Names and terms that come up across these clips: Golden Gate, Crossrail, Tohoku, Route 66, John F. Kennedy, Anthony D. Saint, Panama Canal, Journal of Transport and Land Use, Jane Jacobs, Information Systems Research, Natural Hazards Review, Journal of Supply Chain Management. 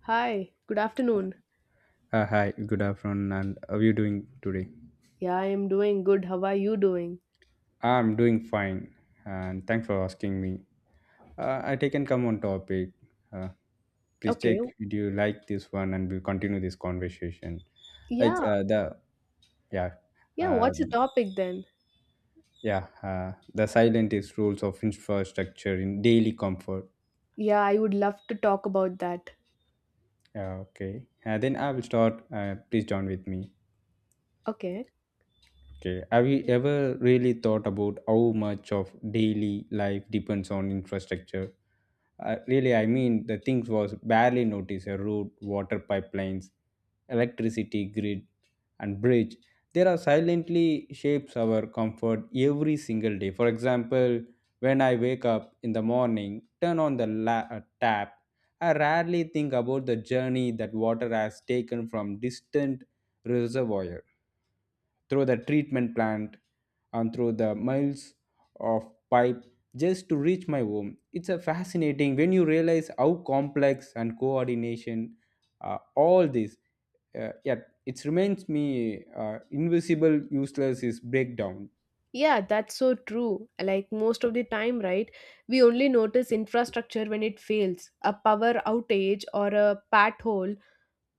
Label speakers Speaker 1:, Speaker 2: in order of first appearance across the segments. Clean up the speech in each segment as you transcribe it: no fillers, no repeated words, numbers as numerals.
Speaker 1: Hi, good afternoon.
Speaker 2: Hi, good afternoon, and how are you doing today?
Speaker 1: Yeah, I am doing good. How are you doing?
Speaker 2: I'm doing fine, and thanks for asking me. I take and come on topic. Uh, Please check
Speaker 1: Okay.
Speaker 2: if you like this one, and we'll continue this conversation. Like
Speaker 1: Yeah,
Speaker 2: uh, the yeah,
Speaker 1: yeah,
Speaker 2: uh,
Speaker 1: what's the topic then?
Speaker 2: yeah, the silent is rules of infrastructure in daily comfort.
Speaker 1: Yeah, I would love to talk about that.
Speaker 2: Yeah, okay, then I will start. Please join with me.
Speaker 1: Okay.
Speaker 2: Okay. Have you ever really thought about how much of daily life depends on infrastructure? Really, I mean, the things was barely noticed a road, water pipelines, electricity grid, and bridge. There are silently shapes our comfort every single day. For example, when I wake up in the morning, turn on the tap, I rarely think about the journey that water has taken from distant reservoirs through the treatment plant and through the miles of pipe just to reach my home. It's a fascinating when you realize how complex and coordination all this. Yet it reminds me invisible useless is breakdown.
Speaker 1: Yeah, that's so true. Like most of the time, right? We only notice infrastructure when it fails. A power outage or a pat hole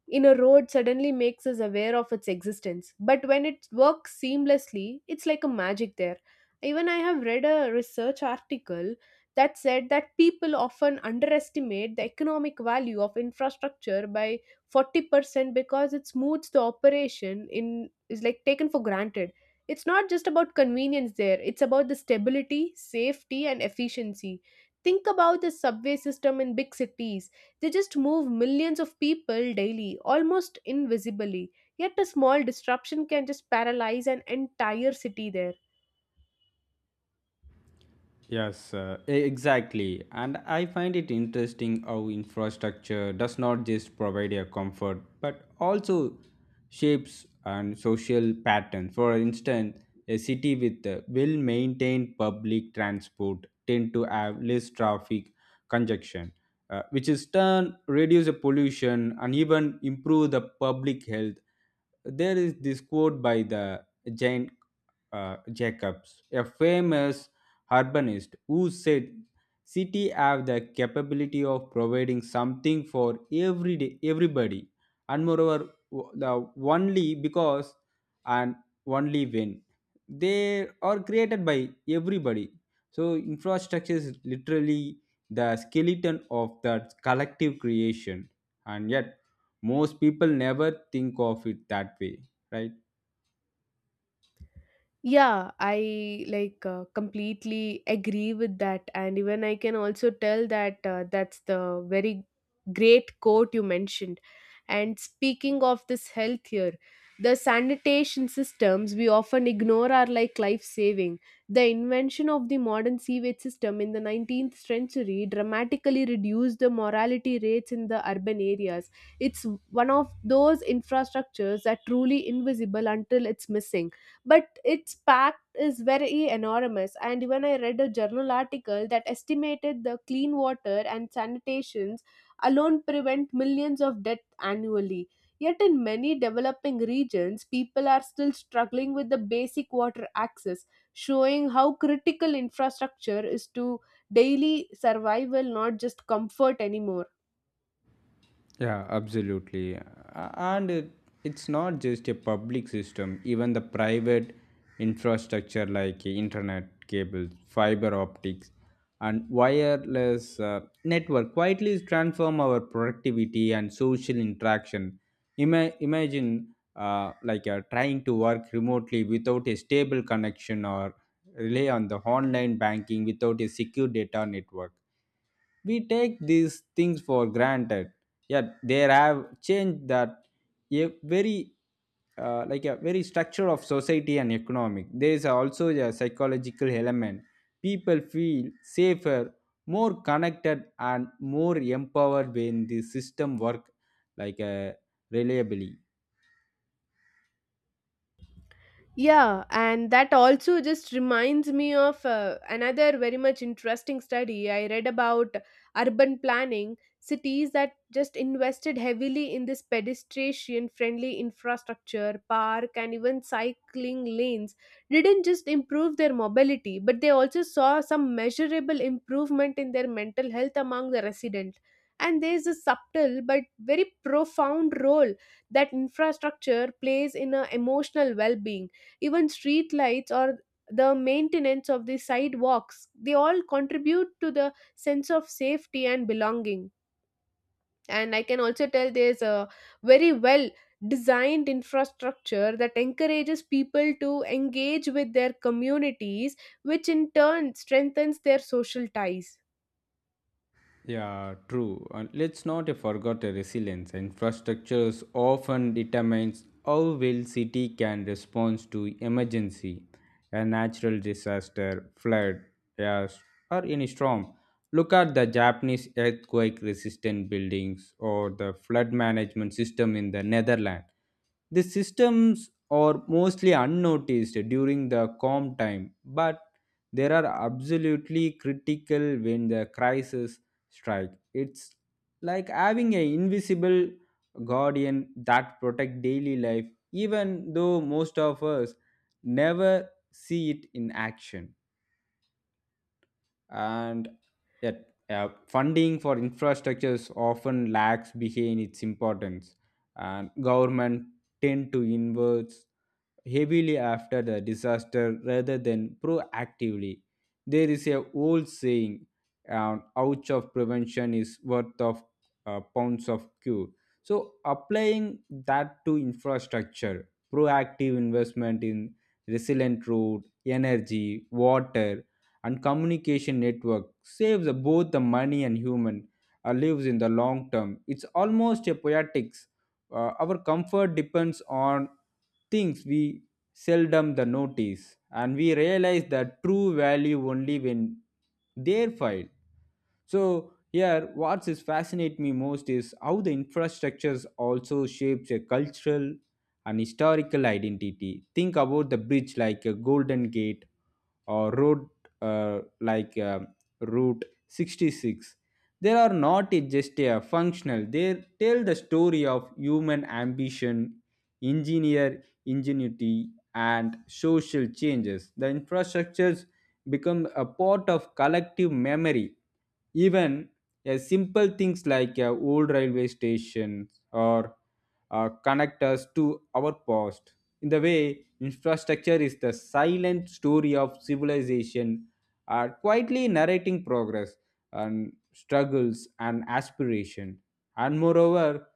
Speaker 1: in a road suddenly makes us aware of its existence. But when it works seamlessly, it's like a magic there. Even I have read a research article that said that people often underestimate the economic value of infrastructure by 40% because it smooths the operation in is like taken for granted. It's not just about convenience there, it's about the stability, safety and efficiency. Think about the subway system in big cities, they just move millions of people daily, almost invisibly. Yet a small disruption can just paralyze an entire city there.
Speaker 2: Yes, exactly. And I find it interesting how infrastructure does not just provide a comfort but also shapes and social patterns. For instance, a city with well maintained public transport tend to have less traffic congestion, which is turn reduce the pollution and even improve the public health. There is this quote by the Jane Jacobs, a famous urbanist who said city have the capability of providing something for every day everybody, and moreover the only because and only when they are created by everybody. So infrastructure is literally the skeleton of that collective creation, and yet most people never think of it that way, right?
Speaker 1: Yeah, I like completely agree with that, and even I can also tell that that's the very great quote you mentioned. And speaking of this health here, the sanitation systems we often ignore are like life saving. The invention of the modern sewage system in the 19th century dramatically reduced the mortality rates in the urban areas. It's one of those infrastructures that truly invisible until it's missing, but its pact is very enormous. And even I read a journal article that estimated the clean water and sanitations alone prevent millions of deaths annually, yet in many developing regions people are still struggling with the basic water access, showing how critical infrastructure is to daily survival, not just comfort anymore.
Speaker 2: Yeah, absolutely. And it's not just a public system, even the private infrastructure like internet cables, fiber optics, and wireless network quietly transform our productivity and social interaction. Imagine trying to work remotely without a stable connection or rely on the online banking without a secure data network. We take these things for granted, yet they have changed that a very like a very structure of society and economic. There is also a psychological element. People feel safer, more connected, and more empowered when the system work like uh, reliably.
Speaker 1: Yeah, and that also just reminds me of another very much interesting study I read about urban planning. Cities that just invested heavily in this pedestrian friendly infrastructure, park, and even cycling lanes didn't just improve their mobility, but they also saw some measurable improvement in their mental health among the residents. And there is a subtle but very profound role that infrastructure plays in a emotional well being. Even street lights or the maintenance of the sidewalks, they all contribute to the sense of safety and belonging. And I can also tell there's a very well designed infrastructure that encourages people to engage with their communities, which in turn strengthens their social ties.
Speaker 2: Yeah, true. And let's not forget the resilience. Infrastructures often determines how well city can respond to emergency, a natural disaster, flood, yes, or any storm. Look at the Japanese earthquake-resistant buildings or the flood management system in the Netherlands. The systems are mostly unnoticed during the calm time, but they are absolutely critical when the crisis strike. It's like having an invisible guardian that protect daily life even though most of us never see it in action. And yet funding for infrastructures often lags behind its importance, and government tend to invert heavily after the disaster rather than proactively. There is a old saying, an ounce of prevention is worth of pounds of cure. So applying that to infrastructure, proactive investment in resilient road, energy, water, and communication network saves both the money and human lives in the long term. It's almost a poetics, our comfort depends on things we seldom the notice, and we realize that true value only when they're filed. So here, what is fascinate me most is how the infrastructures also shapes a cultural and historical identity. Think about the bridge like a Golden Gate or road like Route 66. They are not just a functional. They tell the story of human ambition, engineer ingenuity, and social changes. The infrastructures become a part of collective memory, even simple things like old railway stations or connect us to our past. In the way, infrastructure is the silent story of civilization, quietly narrating progress and struggles and aspiration. And moreover,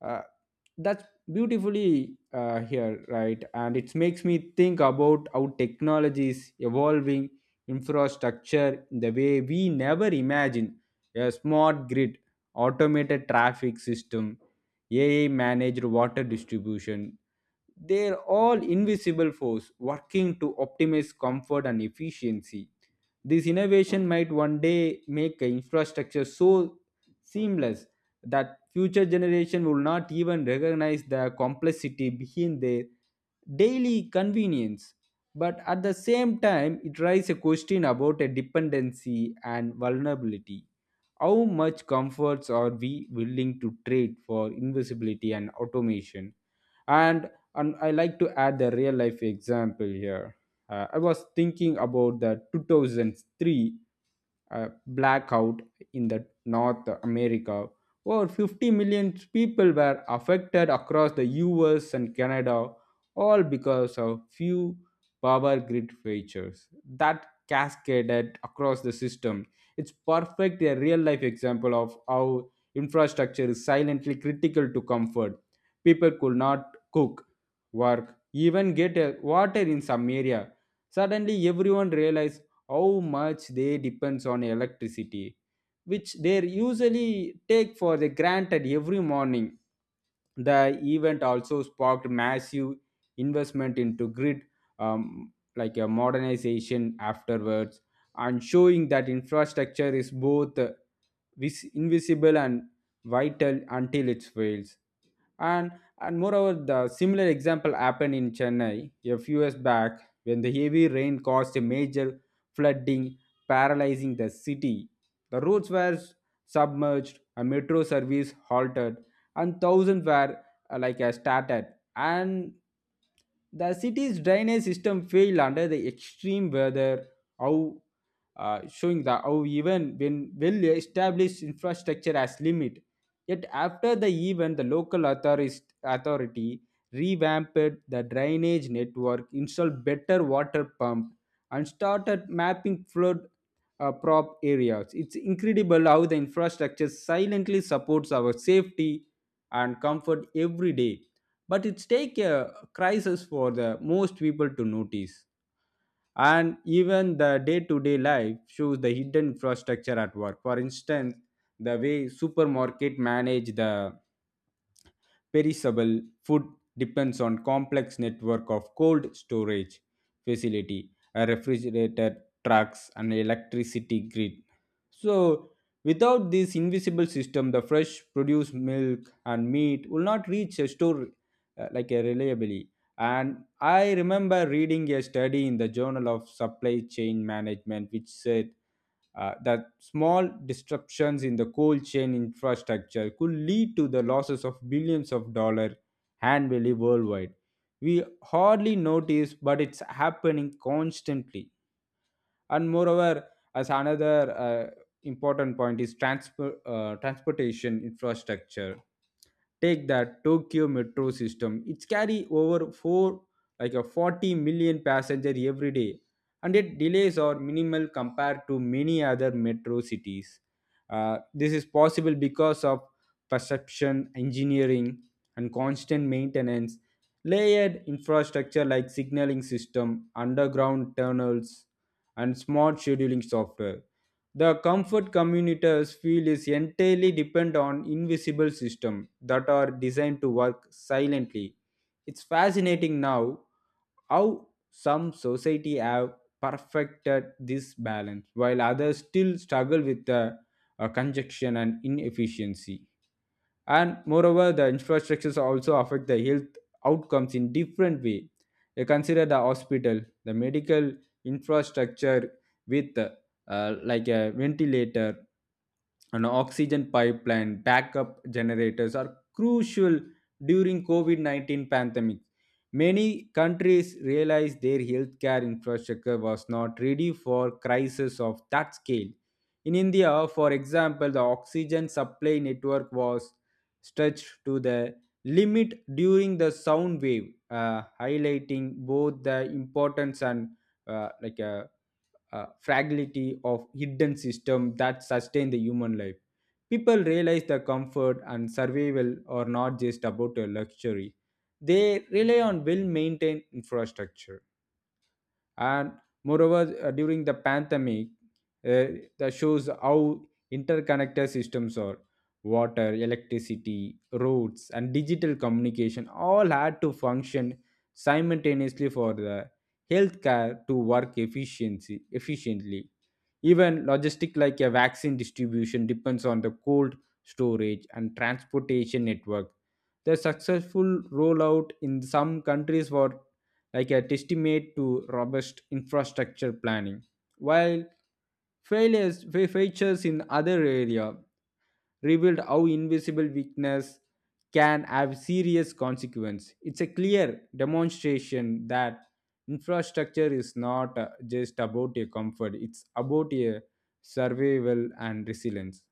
Speaker 2: uh, that's beautifully here, right? And it makes me think about how technology is evolving infrastructure in the way we never imagined. A smart grid, automated traffic system, AI managed water distribution, they're all invisible force working to optimize comfort and efficiency. This innovation might one day make a infrastructure so seamless that future generation will not even recognize the complexity behind their daily convenience. But at the same time, it raises a question about a dependency and vulnerability. How much comforts are we willing to trade for invisibility and automation? And and I like to add the real life example here. I was thinking about the 2003 uh, blackout in the North America. Over 50 million people were affected across the US and Canada, all because of few power grid failures that cascaded across the system. It's perfect a real life example of how infrastructure is silently critical to comfort. People could not cook, work, even get water in some area. Suddenly, everyone realized how much they depends on electricity, which they usually take for the granted every morning. The event also sparked massive investment into grid, like a modernization afterwards, and showing that infrastructure is both invisible and vital until it fails. And and moreover, the similar example happened in Chennai a few years back when the heavy rain caused a major flooding, paralyzing the city. The roads were submerged, a metro service halted, and thousands were started. And the city's drainage system failed under the extreme weather. How, showing the how even when well established infrastructure has limit. Yet after the event, authority revamped the drainage network, installed better water pump, and started mapping flood prop areas. It's incredible how the infrastructure silently supports our safety and comfort every day. But it's take a crisis for the most people to notice. And even the day-to-day life shows the hidden infrastructure at work. For instance, the way supermarket manage the perishable food depends on complex network of cold storage facility, a refrigerator trucks, and electricity grid. So without this invisible system, the fresh produce, milk and meat will not reach a store like a reliably. And I remember reading a study in the Journal of Supply Chain Management, which said that small disruptions in the cold chain infrastructure could lead to the losses of billions of dollars annually worldwide. We hardly notice, but it's happening constantly. And moreover, as another important point is transportation infrastructure. Take that Tokyo metro system. It's carry over 4 like a 40 million passenger every day, and yet delays are minimal compared to many other metro cities. Uh, this is possible because of perception engineering and constant maintenance, layered infrastructure like signaling system, underground tunnels, and smart scheduling software. The comfort communities feel is entirely depend on invisible systems that are designed to work silently. It's fascinating now how some society have perfected this balance while others still struggle with the conjunction and inefficiency. And moreover, the infrastructures also affect the health outcomes in different way. You consider the hospital, the medical infrastructure with like a ventilator, an oxygen pipeline, backup generators are crucial during COVID-19 pandemic. Many countries realized their healthcare infrastructure was not ready for crisis of that scale. In India, for example, the oxygen supply network was stretched to the limit during the sound wave, highlighting both the importance and uh, like a, a fragility of hidden system that sustain the human life. People realize the comfort and survival are not just about a luxury; they rely on well-maintained infrastructure. And moreover, during the pandemic, uh, that shows how interconnected systems are. Water, electricity, roads, and digital communication all had to function simultaneously for the healthcare to work efficiency efficiently. Even logistic like a vaccine distribution depends on the cold storage and transportation network. The successful rollout in some countries were like a testament to robust infrastructure planning. While features in other area revealed how invisible weakness can have serious consequence. It's a clear demonstration that infrastructure is not just about a comfort; it's about a survival and resilience.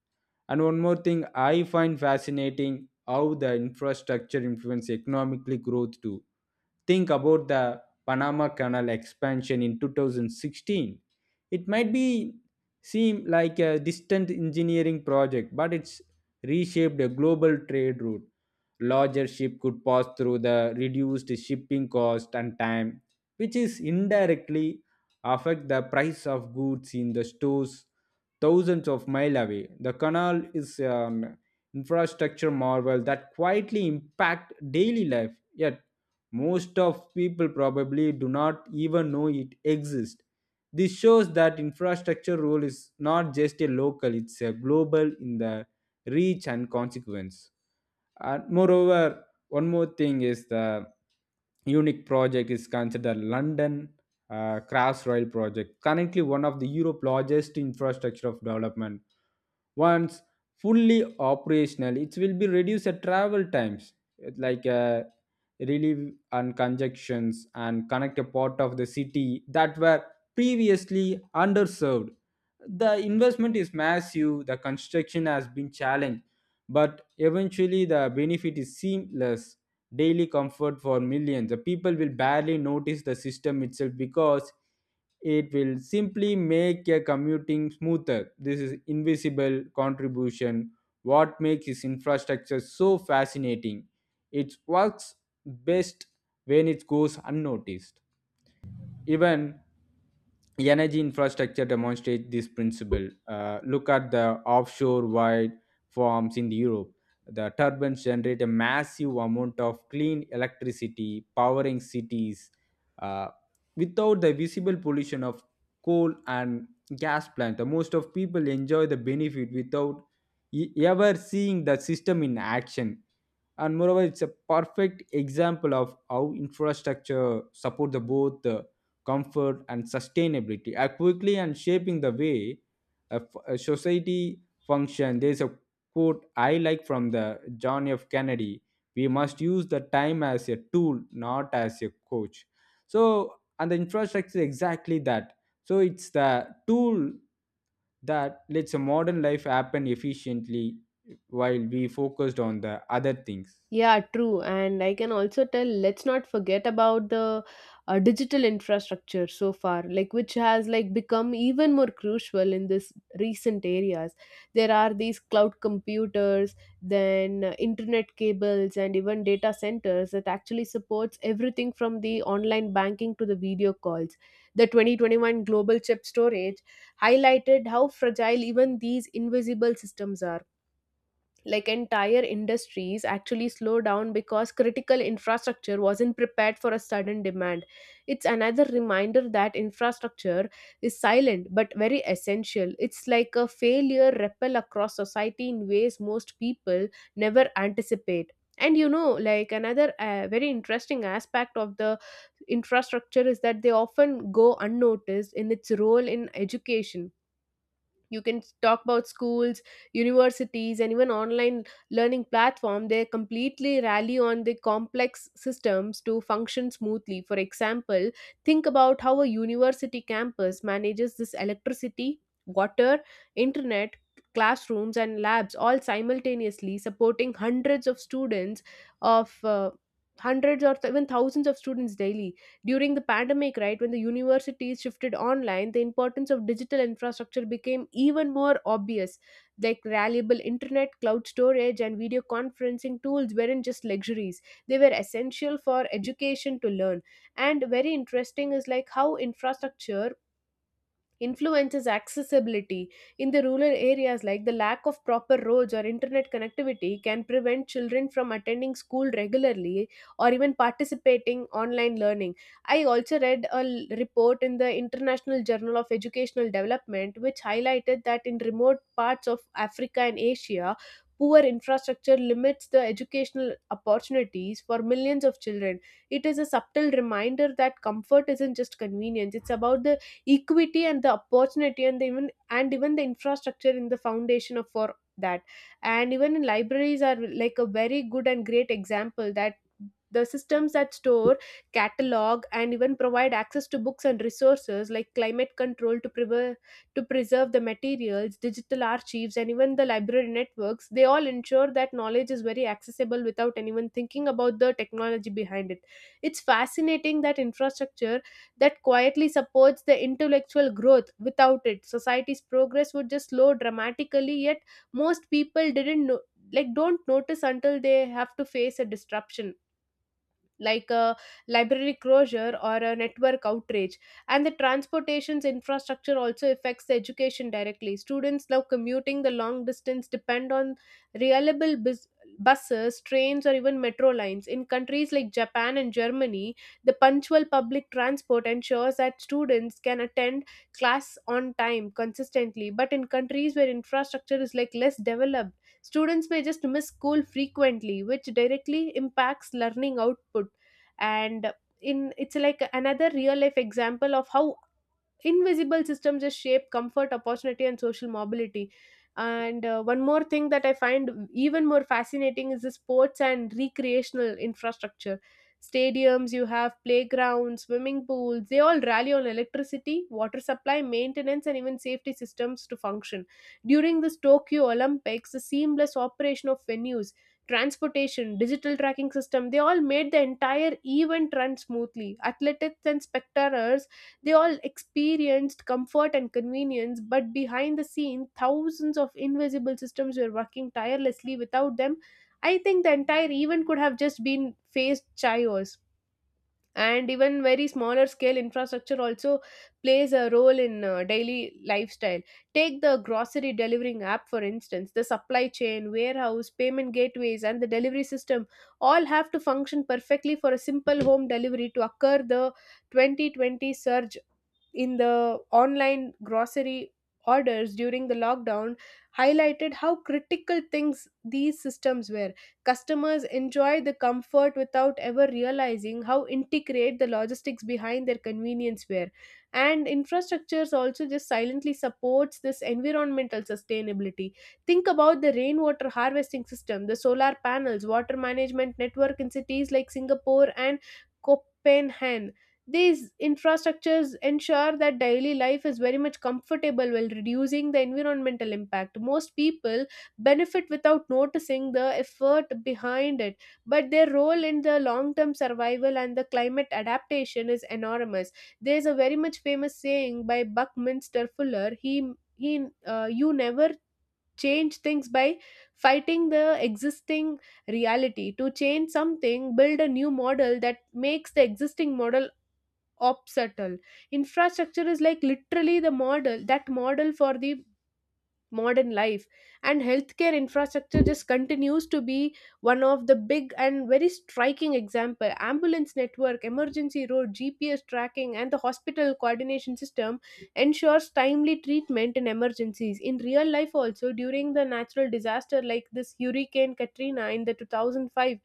Speaker 2: And one more thing, I find fascinating how the infrastructure influence economically growth too. Think about the Panama Canal expansion in 2016. It might be seem like a distant engineering project, but it's reshaped a global trade route. Larger ship could pass through the reduced shipping cost and time, which is indirectly affect the price of goods in the stores thousands of miles away. The canal is an infrastructure marvel that quietly impact daily life. Yet most of people probably do not even know it exists. This shows that infrastructure role is not just a local, it's a global in the reach and consequence. And moreover, one more thing is the unique project is considered London Crossrail project, currently one of the Europe's largest infrastructure of development. Once fully operational, it will be reduce the travel times. It's like relief and conjunctions and connect a part of the city that were previously underserved. The investment is massive, the construction has been challenged, but eventually the benefit is seamless. Daily comfort for millions. The people will barely notice the system itself because it will simply make a commuting smoother. This is invisible contribution. What makes this infrastructure so fascinating? It works best when it goes unnoticed. Even energy infrastructure demonstrates this principle. Look at the offshore wind farms in Europe. The turbines generate a massive amount of clean electricity, powering cities uh, without the visible pollution of coal and gas plants. The most of people enjoy the benefit without ever seeing the system in action. And moreover, it's a perfect example of how infrastructure support the both comfort, and sustainability are quickly and shaping the way a, a society function. There is a quote I like from the John F. Kennedy: "We must use the time as a tool, not as a coach." So, and the infrastructure is exactly that. So it's the tool that lets a modern life happen efficiently while we focused on the other things.
Speaker 1: Yeah, true. And I can also tell, let's not forget about the digital infrastructure so far, like which has like become even more crucial in this recent areas. There are these cloud computers, then internet cables and even data centers that actually supports everything from the online banking to the video calls. The 2021 global chip storage highlighted how fragile even these invisible systems are. Like entire industries actually slowed down because critical infrastructure wasn't prepared for a sudden demand. It's another reminder that infrastructure is silent but very essential. It's like a failure ripple across society in ways most people never anticipate. And you know, like another very interesting aspect of the infrastructure is that they often go unnoticed in its role in education. You can talk about schools, universities, and even online learning platform. They completely rally on the complex systems to function smoothly. For example, think about how a university campus manages this electricity, water, internet, classrooms and labs all simultaneously, supporting hundreds of students of hundreds or th- even thousands of students daily. During the pandemic, right, when the universities shifted online, the importance of digital infrastructure became even more obvious. Like reliable internet, cloud storage, and video conferencing tools weren't just luxuries, they were essential for education to learn. And very interesting is like how infrastructure influences accessibility in the rural areas. Like the lack of proper roads or internet connectivity can prevent children from attending school regularly or even participating online learning. I also read a report in the International Journal of Educational Development, which highlighted that in remote parts of Africa and Asia, poor infrastructure limits the educational opportunities for millions of children. It is a subtle reminder that comfort isn't just convenience, it's about the equity and the opportunity, and the even and even the infrastructure in the foundation of for that. And even in libraries are like a very good and great example that the systems that store, catalog, and even provide access to books and resources, like climate control to preserve the materials, digital archives, and even the library networks, they all ensure that knowledge is very accessible without anyone thinking about the technology behind it. It's fascinating that infrastructure that quietly supports the intellectual growth. Without it, society's progress would just slow dramatically, yet most people didn't know, like don't notice until they have to face a disruption like a library closure or a network outrage. And the transportation's infrastructure also affects the education directly. Students now commuting the long distance depend on reliable buses, trains, or even metro lines. In countries like Japan and Germany, the punctual public transport ensures that students can attend class on time consistently, but in countries where infrastructure is like less developed, students may just miss school frequently, which directly impacts learning output. And in it's like another real life example of how invisible systems just shape comfort, opportunity, and social mobility. And one more thing that I find even more fascinating is the sports and recreational infrastructure. Stadiums, you have playgrounds, swimming pools, they all rally on electricity, water supply, maintenance, and even safety systems to function. During this Tokyo Olympics, the seamless operation of venues, transportation, digital tracking system, they all made the entire event run smoothly. Athletes and spectators, they all experienced comfort and convenience, but behind the scene, thousands of invisible systems were working tirelessly. Without them, I think the entire event could have just been faced chaos. And even very smaller scale infrastructure also plays a role in daily lifestyle. Take the grocery delivering app, for instance. The supply chain, warehouse, payment gateways, and the delivery system all have to function perfectly for a simple home delivery to occur. The 2020 surge in the online grocery orders during the lockdown highlighted how critical things these systems were. Customers enjoy the comfort without ever realizing how intricate the logistics behind their convenience were. And infrastructures also just silently supports this environmental sustainability. Think about the rainwater harvesting system, the solar panels, water management network in cities like Singapore and Copenhagen. These infrastructures ensure that daily life is very much comfortable while reducing the environmental impact. Most people benefit without noticing the effort behind it, but their role in the long term survival and the climate adaptation is enormous. There's a very much famous saying by Buckminster Fuller. He You never change things by fighting the existing reality. To change something, build a new model that makes the existing model obstacle. Infrastructure is like literally the model that model for the modern life. And healthcare infrastructure just continues to be one of the big and very striking example. Ambulance network, emergency road, GPS tracking, and the hospital coordination system ensures timely treatment in emergencies. In real life also, during the natural disaster like this Hurricane Katrina in the 2005,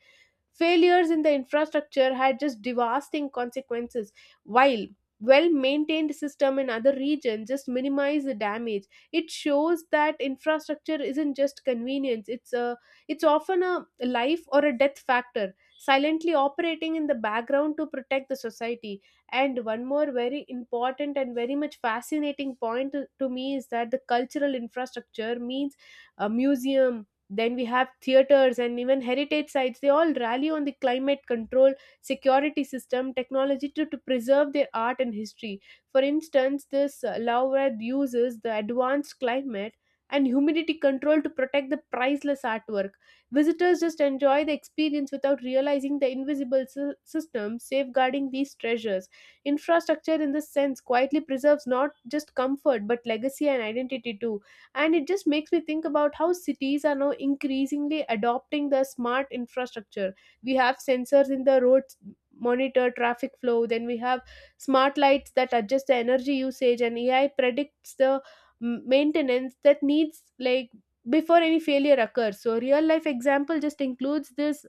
Speaker 1: failures in the infrastructure had just devastating consequences, while well maintained system in other regions just minimize the damage. It shows that infrastructure isn't just convenience, it's a it's often a life or a death factor silently operating in the background to protect the society. And one more very important and very much fascinating point to me is that the cultural infrastructure means a museum, then we have theaters and even heritage sites. They all rally on the climate control, security system, technology to preserve their art and history. For instance, this Laurad uses the advanced climate and humidity control to protect the priceless artwork. Visitors just enjoy the experience without realizing the invisible system safeguarding these treasures. Infrastructure, in this sense, quietly preserves not just comfort but legacy and identity too. And it just makes me think about how cities are now increasingly adopting the smart infrastructure. We have sensors in the roads monitor traffic flow, then we have smart lights that adjust the energy usage, and AI predicts the maintenance that needs like before any failure occurs. So real life example just includes this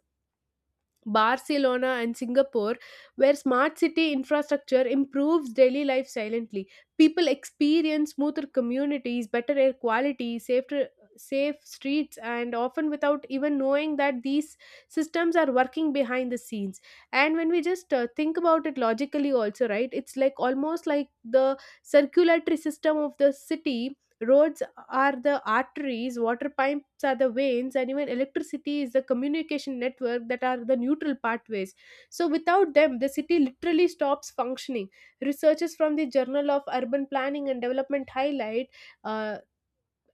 Speaker 1: Barcelona and Singapore, where smart city infrastructure improves daily life silently. People experience smoother communities, better air quality, safer, safe streets, and often without even knowing that these systems are working behind the scenes. And when we just think about it logically, also, right, it's like almost like the circulatory system of the city. Roads are the arteries, water pipes are the veins, and even electricity is the communication network that are the neutral pathways. So, without them, the city literally stops functioning. Researchers from the Journal of Urban Planning and Development uh,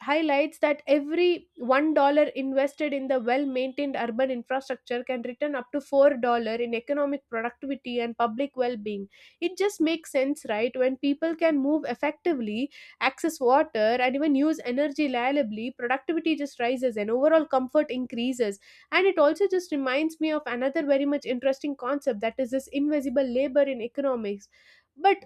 Speaker 1: highlights that every $1 invested in the well maintained urban infrastructure can return up to $4 in economic productivity and public well being. It just makes sense, right? When people can move effectively, access water, and even use energy reliably, productivity just rises and overall comfort increases. And it also just reminds me of another very much interesting concept, that is this invisible labor in economics. But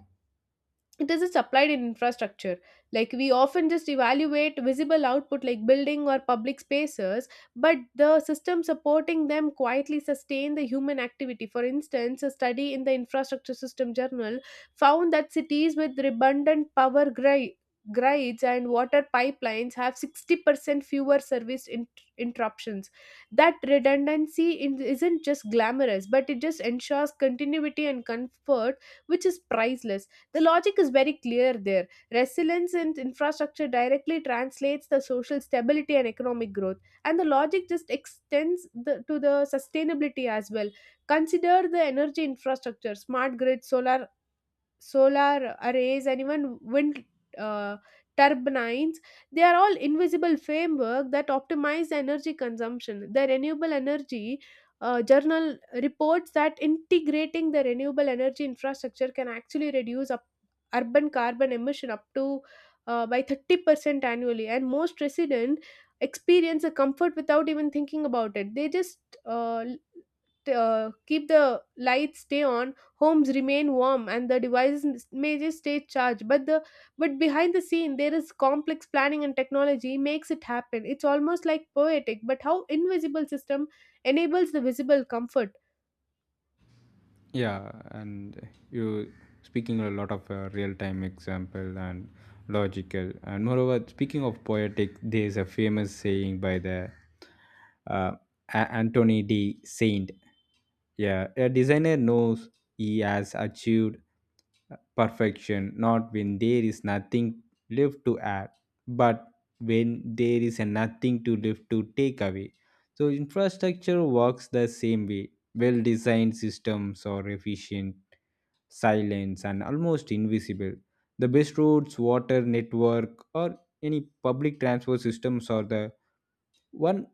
Speaker 1: it is just applied in infrastructure. Like we often just evaluate visible output like building or public spaces, but the system supporting them quietly sustain the human activity. For instance, a study in the infrastructure system journal found that cities with redundant power grids and water pipelines have 60% fewer service interruptions. That redundancy isn't just glamorous, but it just ensures continuity and comfort, which is priceless. The logic is very clear there. Resilience in infrastructure directly translates the social stability and economic growth, and the logic just extends to the sustainability as well. Consider the energy infrastructure, smart grid, solar arrays, and even wind uh, turbines. They are all invisible framework that optimize energy consumption. The renewable energy journal reports that integrating the renewable energy infrastructure can actually reduce up urban carbon emission up to by 30% annually, and most residents experience a comfort without even thinking about it. They just uh, Keep the lights stay on, homes remain warm, and the devices may just stay charged. But behind the scene, there is complex planning and technology makes it happen. It's almost like poetic but how invisible system enables the visible comfort.
Speaker 2: Yeah, and you speaking a lot of real time example and logical, and moreover, speaking of poetic, there is a famous saying by the uh, Anthony D. Saint. Yeah, a designer knows he has achieved perfection not when there is nothing left to add, but when there is a nothing to left to take away. So infrastructure works the same way. Well designed systems are efficient, silent, and almost invisible. The best roads, water network, or any public transport systems are the one.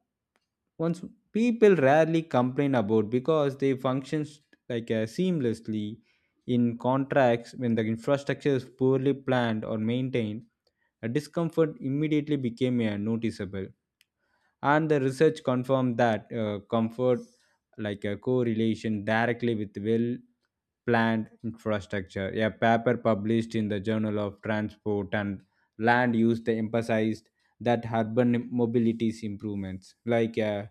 Speaker 2: Once people rarely complain about because they function like seamlessly in contracts when the infrastructure is poorly planned or maintained, a discomfort immediately became noticeable. And the research confirmed that comfort like a correlation directly with well planned infrastructure. A paper published in the journal of transport and land use, they emphasized that urban mobility's improvements like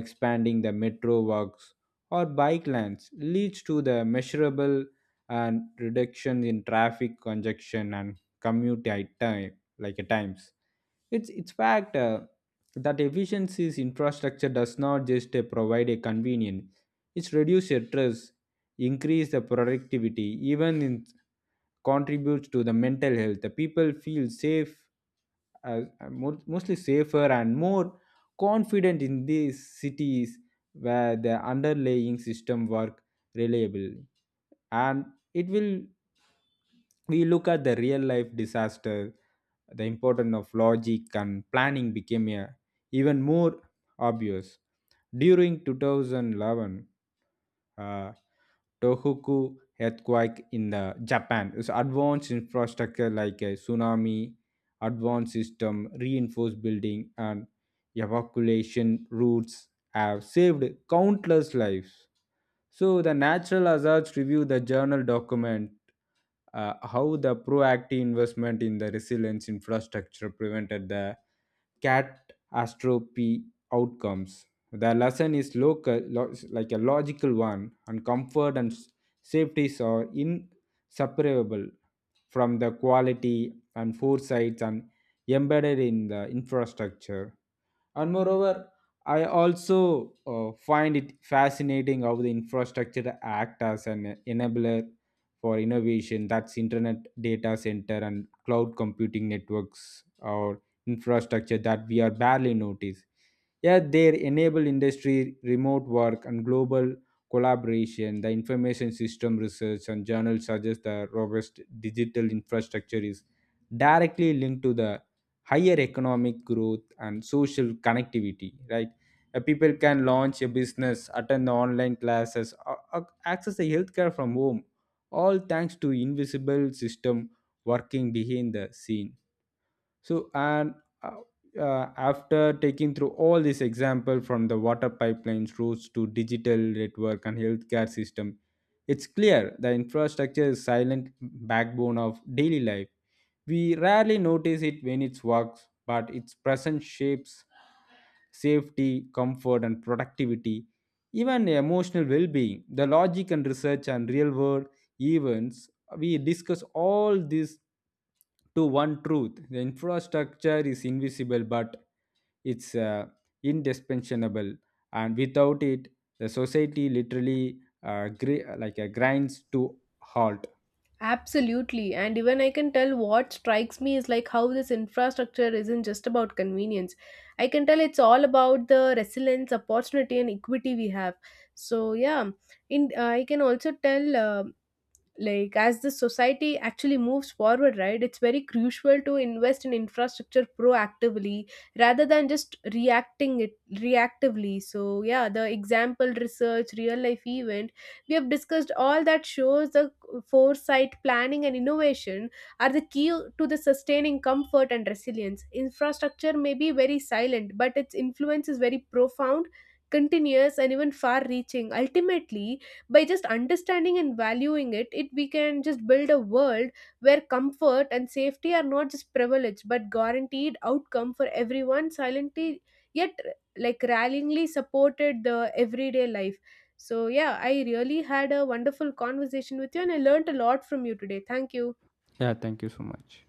Speaker 2: expanding the metro works or bike lanes leads to the measurable and reduction in traffic congestion and commute time like times. It's fact that efficiency's infrastructure does not just provide a convenience. It reduces stress, increase the productivity, even in, contributes to the mental health. The people feel safe, uh, mostly safer and more confident in these cities where the underlying system work reliably. And it will, we look at the real life disaster, the importance of logic and planning became a even more obvious. During 2011, uh, Tohoku earthquake in the Japan, its advanced infrastructure like a tsunami, advanced system, reinforced building, and evacuation routes have saved countless lives. So the Natural Hazards Review, the journal document how the proactive investment in the resilience infrastructure prevented the catastrophe outcomes. The lesson is local, like a logical one, and comfort and safeties are inseparable from the quality and foresights and embedded in the infrastructure. And moreover, I also find it fascinating how the infrastructure act as an enabler for innovation. That's internet data center and cloud computing networks or infrastructure that we are barely notice. Yeah, they enable industry remote work and global collaboration. The information system research and journals suggest the robust digital infrastructure is directly linked to the higher economic growth and social connectivity, right? People can launch a business, attend the online classes, or access the healthcare from home, all thanks to invisible system working behind the scene. So and uh, after taking through all this example from the water pipelines roads to digital network and healthcare system, it's clear the infrastructure is silent backbone of daily life. We rarely notice it when it works, but its presence shapes safety, comfort, and productivity, even emotional well being. The logic and research and real world events, we discuss all this to one truth. The infrastructure is invisible, but it's indispensable, and without it, the society literally like grinds to halt.
Speaker 1: Absolutely, and even I can tell what strikes me is like how this infrastructure isn't just about convenience. I can tell it's all about the resilience, opportunity, and equity we have. So yeah, in I can also tell like as the society actually moves forward, right, it's very crucial to invest in infrastructure proactively rather than just reacting it reactively. So yeah, the example research real life event we have discussed all that shows the foresight, planning, and innovation are the key to the sustaining comfort and resilience. Infrastructure may be very silent, but its influence is very profound, continuous, and even far reaching. Ultimately, by just understanding and valuing it, we can just build a world where comfort and safety are not just privilege but guaranteed outcome for everyone, silently yet like rallyingly supported the everyday life. So yeah, I really had a wonderful conversation with you and I learned a lot from you today. Thank you.
Speaker 2: Yeah, thank you so much.